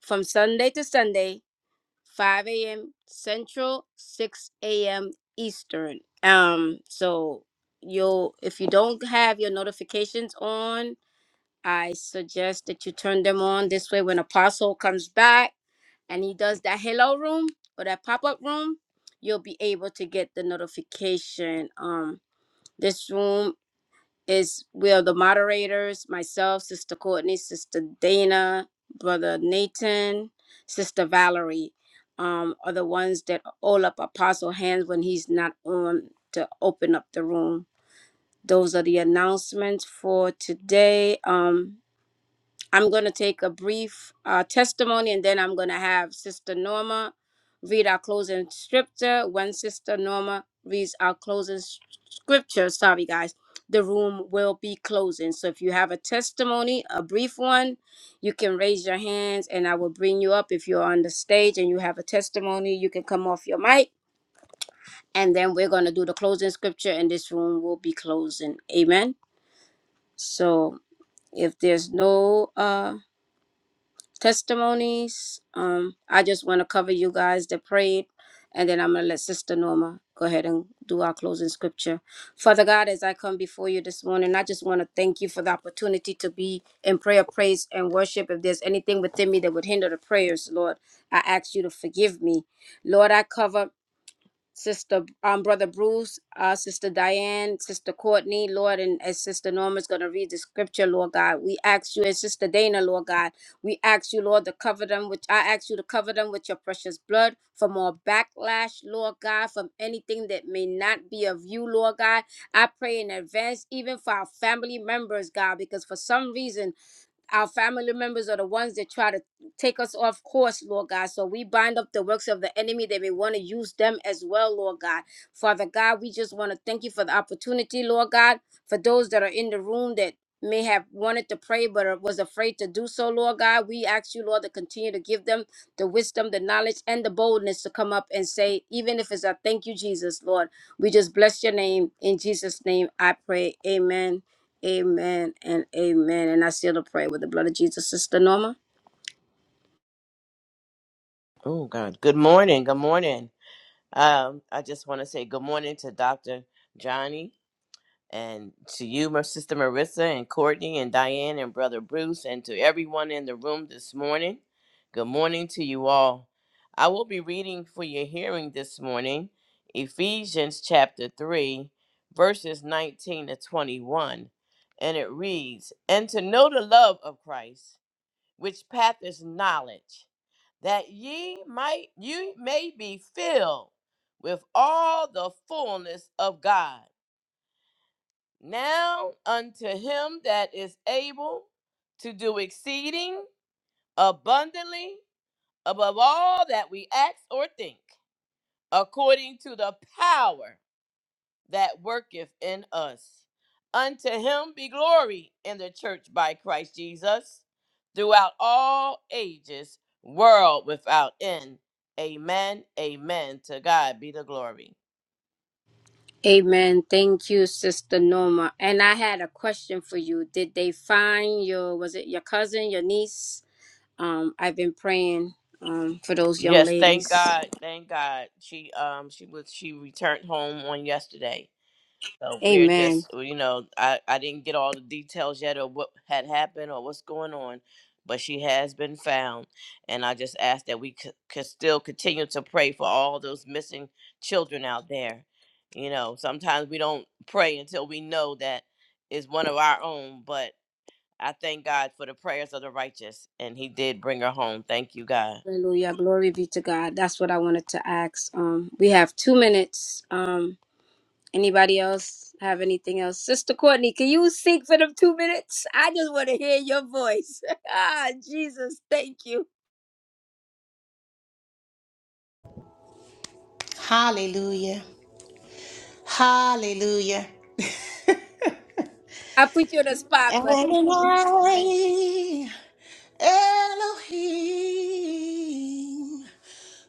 from Sunday to Sunday, 5 a.m. Central, 6 a.m. Eastern. Um, so you'll if you don't have your notifications on, I suggest that you turn them on. This way, when Apostle comes back and he does that hello room or that pop-up room you'll be able to get the notification um this room is where the moderators myself sister courtney sister dana brother nathan sister valerie um are the ones that all up apostle hands when he's not on to open up the room those are the announcements for today um I'm going to take a brief uh, testimony and then I'm going to have Sister Norma read our closing scripture. When Sister Norma reads our closing s- scripture, sorry guys, the room will be closing. So if you have a testimony, a brief one, you can raise your hands and I will bring you up. If you're on the stage and you have a testimony, you can come off your mic and then we're going to do the closing scripture and this room will be closing. Amen. So if there's no uh testimonies. Um, I just want to cover you guys that prayed, and then I'm going to let Sister Norma go ahead and do our closing scripture. Father God, as I come before you this morning, I just want to thank you for the opportunity to be in prayer, praise, and worship. If there's anything within me that would hinder the prayers, Lord, I ask you to forgive me. Lord, I cover Sister, um, Brother Bruce, uh, Sister Diane, Sister Courtney, Lord, and as Sister Norma's going to read the scripture, Lord God, we ask you, and Sister Dana, Lord God, we ask you, Lord, to cover them, which I ask you to cover them with your precious blood from all backlash, Lord God, from anything that may not be of you, Lord God. I pray in advance, even for our family members, God, because for some reason, our family members are the ones that try to take us off course, Lord God. So we bind up the works of the enemy. They may want to use them as well, Lord God. Father God, we just want to thank you for the opportunity, Lord God, for those that are in the room that may have wanted to pray but was afraid to do so, Lord God. We ask you, Lord, to continue to give them the wisdom, the knowledge, and the boldness to come up and say, even if it's a thank you, Jesus, Lord. We just bless your name. In Jesus' name, I pray. Amen. Amen and amen. And I seal the prayer with the blood of Jesus, Sister Norma.
Oh, God. Good morning. Good morning. Um, I just want to say good morning to Dr. Johnny and to you, my sister Marissa and Courtney and Diane and brother Bruce and to everyone in the room this morning. Good morning to you all. I will be reading for your hearing this morning Ephesians chapter 3, verses 19 to 21. And it reads, And to know the love of Christ, which path is knowledge that ye might you may be filled with all the fullness of God. Now unto him that is able to do exceeding abundantly above all that we ask or think, according to the power that worketh in us. Unto him be glory in the church by Christ Jesus throughout all ages, world without end. Amen. Amen. To God be the glory.
Amen. Thank you, Sister Norma. And I had a question for you. Did they find your was it your cousin, your niece? Um, I've been praying um for those young
Yes, thank
ladies.
God. Thank God. She um she was she returned home on yesterday. So we're
Amen.
just, uh, you know, I, I didn't get all the details yet of what had happened or what's going on, but she has been found. And I just ask that we c- could still continue to pray for all those missing children out there. You know, sometimes we don't pray until we know that is one of our own, but I thank God for the prayers of the righteous. And He did bring her home. Thank you, God.
Hallelujah. Glory be to God. That's what I wanted to ask. Um, we have two minutes. Um, anybody else have anything else? Sister Courtney, can you seek for them two minutes? I just want to hear your voice. ah, Jesus, thank you.
Hallelujah. Hallelujah.
I put you on the spot, but
Adonai, Elohim,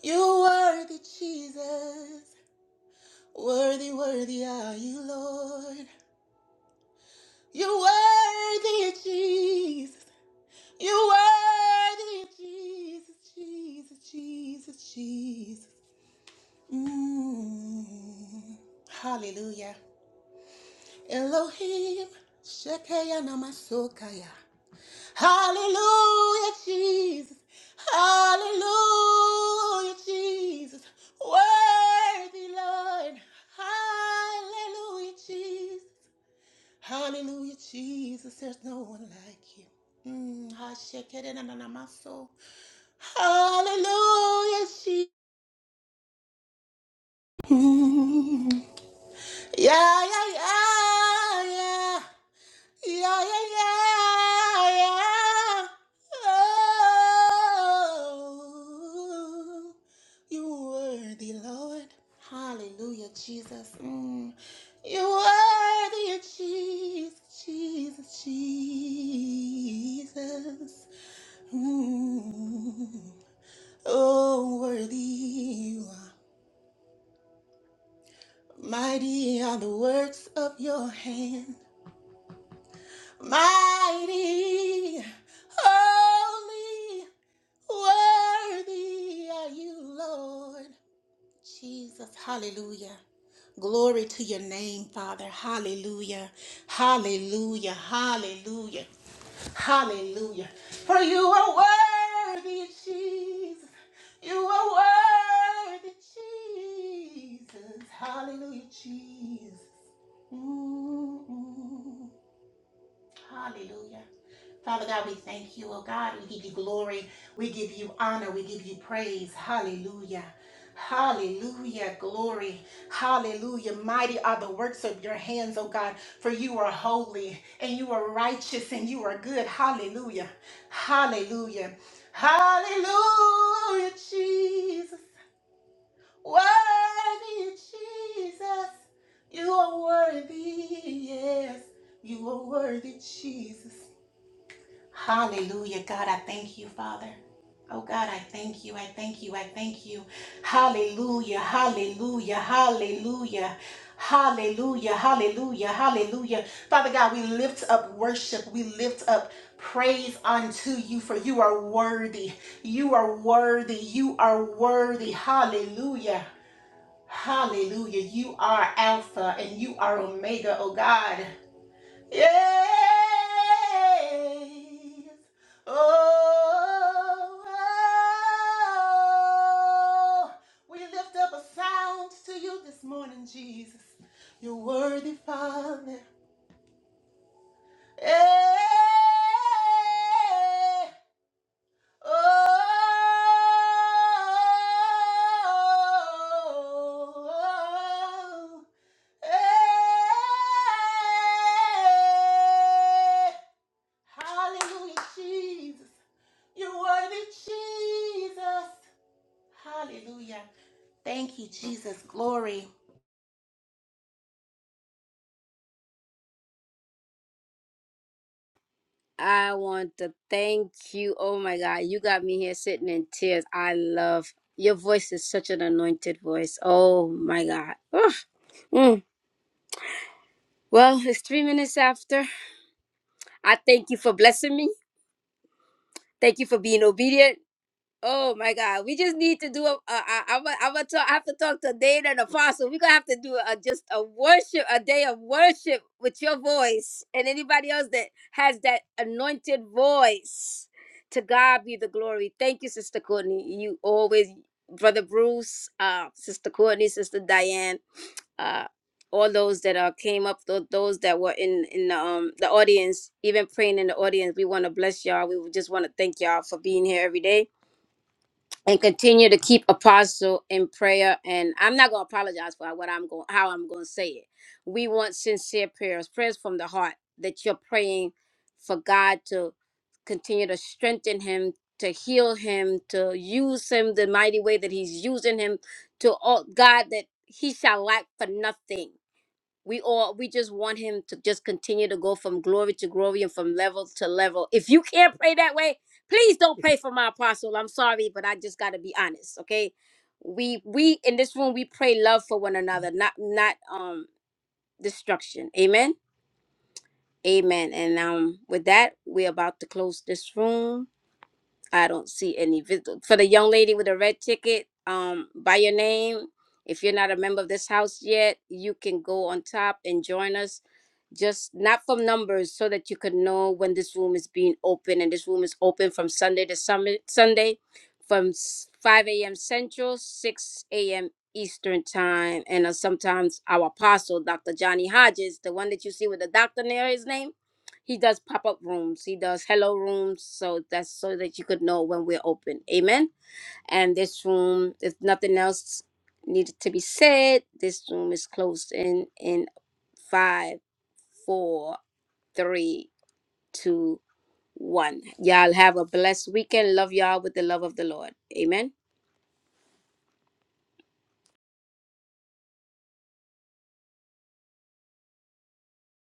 you are worthy, Jesus. Worthy, worthy are you, Lord. You worthy, Jesus. You worthy, Jesus, Jesus, Jesus, Jesus. Mm, hallelujah. Elohim, Shekeya Namasokaya. Hallelujah, Jesus. Hallelujah, Jesus. Worthy Lord. Hallelujah, Jesus. Hallelujah, Jesus. There's no one like you. Mm, Hallelujah, Jesus. Mm. Yeah, yeah, yeah, yeah. Yeah, yeah, yeah, yeah. yeah. Oh, you worthy, Lord. Hallelujah, Jesus. Mm. You worthy, Jesus, Jesus, Jesus. Mm. Oh, worthy you are. Mighty are the works of your hands. Mighty, holy, worthy are you, Lord Jesus. Hallelujah. Glory to your name, Father. Hallelujah. Hallelujah. Hallelujah. Hallelujah. For you are worthy, Jesus. You are worthy, Jesus. Hallelujah, Jesus. Mm, mm. Hallelujah. Father God, we thank you, oh God. We give you glory. We give you honor. We give you praise. Hallelujah. Hallelujah. Glory. Hallelujah. Mighty are the works of your hands, oh God, for you are holy and you are righteous and you are good. Hallelujah. Hallelujah. Hallelujah, Jesus. Worthy, Jesus. You are worthy. Yes. You are worthy, Jesus. Hallelujah. God, I thank you, Father. Oh God, I thank you. I thank you. I thank you. Hallelujah. Hallelujah. Hallelujah. Hallelujah. Hallelujah. Hallelujah. Father God, we lift up worship. We lift up praise unto you for you are worthy. You are worthy. You are worthy. Hallelujah. Hallelujah. You are Alpha and you are Omega, oh God. Yes. Oh, oh, we lift up a sound to you this morning, Jesus. You're worthy, Father. Hey. Oh. Hey. Hallelujah, Jesus. You're worthy, Jesus. Hallelujah. Thank you, Jesus. Glory.
I want to thank you. Oh my God, you got me here sitting in tears. I love your voice is such an anointed voice. Oh my God. Ugh. Mm. Well, it's three minutes after. I thank you for blessing me. Thank you for being obedient. Oh my God, we just need to do a. a, a I'm gonna I'm talk. I have to talk to Dana and Apostle. We're gonna have to do a just a worship, a day of worship with your voice and anybody else that has that anointed voice. To God be the glory. Thank you, Sister Courtney. You always, Brother Bruce, uh, Sister Courtney, Sister Diane, uh, all those that uh, came up, tho- those that were in in the, um the audience, even praying in the audience. We want to bless y'all. We just want to thank y'all for being here every day and continue to keep apostle in prayer and i'm not going to apologize for what i'm going how i'm going to say it we want sincere prayers prayers from the heart that you're praying for god to continue to strengthen him to heal him to use him the mighty way that he's using him to all god that he shall lack for nothing we all we just want him to just continue to go from glory to glory and from level to level. If you can't pray that way, please don't pray for my apostle. I'm sorry, but I just got to be honest, okay? We we in this room we pray love for one another, not not um destruction. Amen. Amen. And um with that, we're about to close this room. I don't see any visit for the young lady with the red ticket. Um, by your name, if you're not a member of this house yet, you can go on top and join us. Just not from numbers, so that you can know when this room is being open. And this room is open from Sunday to Sunday, Sunday, from s- 5 a.m. Central, 6 a.m. Eastern time. And uh, sometimes our apostle, Dr. Johnny Hodges, the one that you see with the doctor near his name he does pop up rooms. He does hello rooms. So that's so that you could know when we're open. Amen. And this room, if nothing else needed to be said, this room is closed in in five, four, three, two, one. Y'all have a blessed weekend. Love y'all with the love of the Lord. Amen.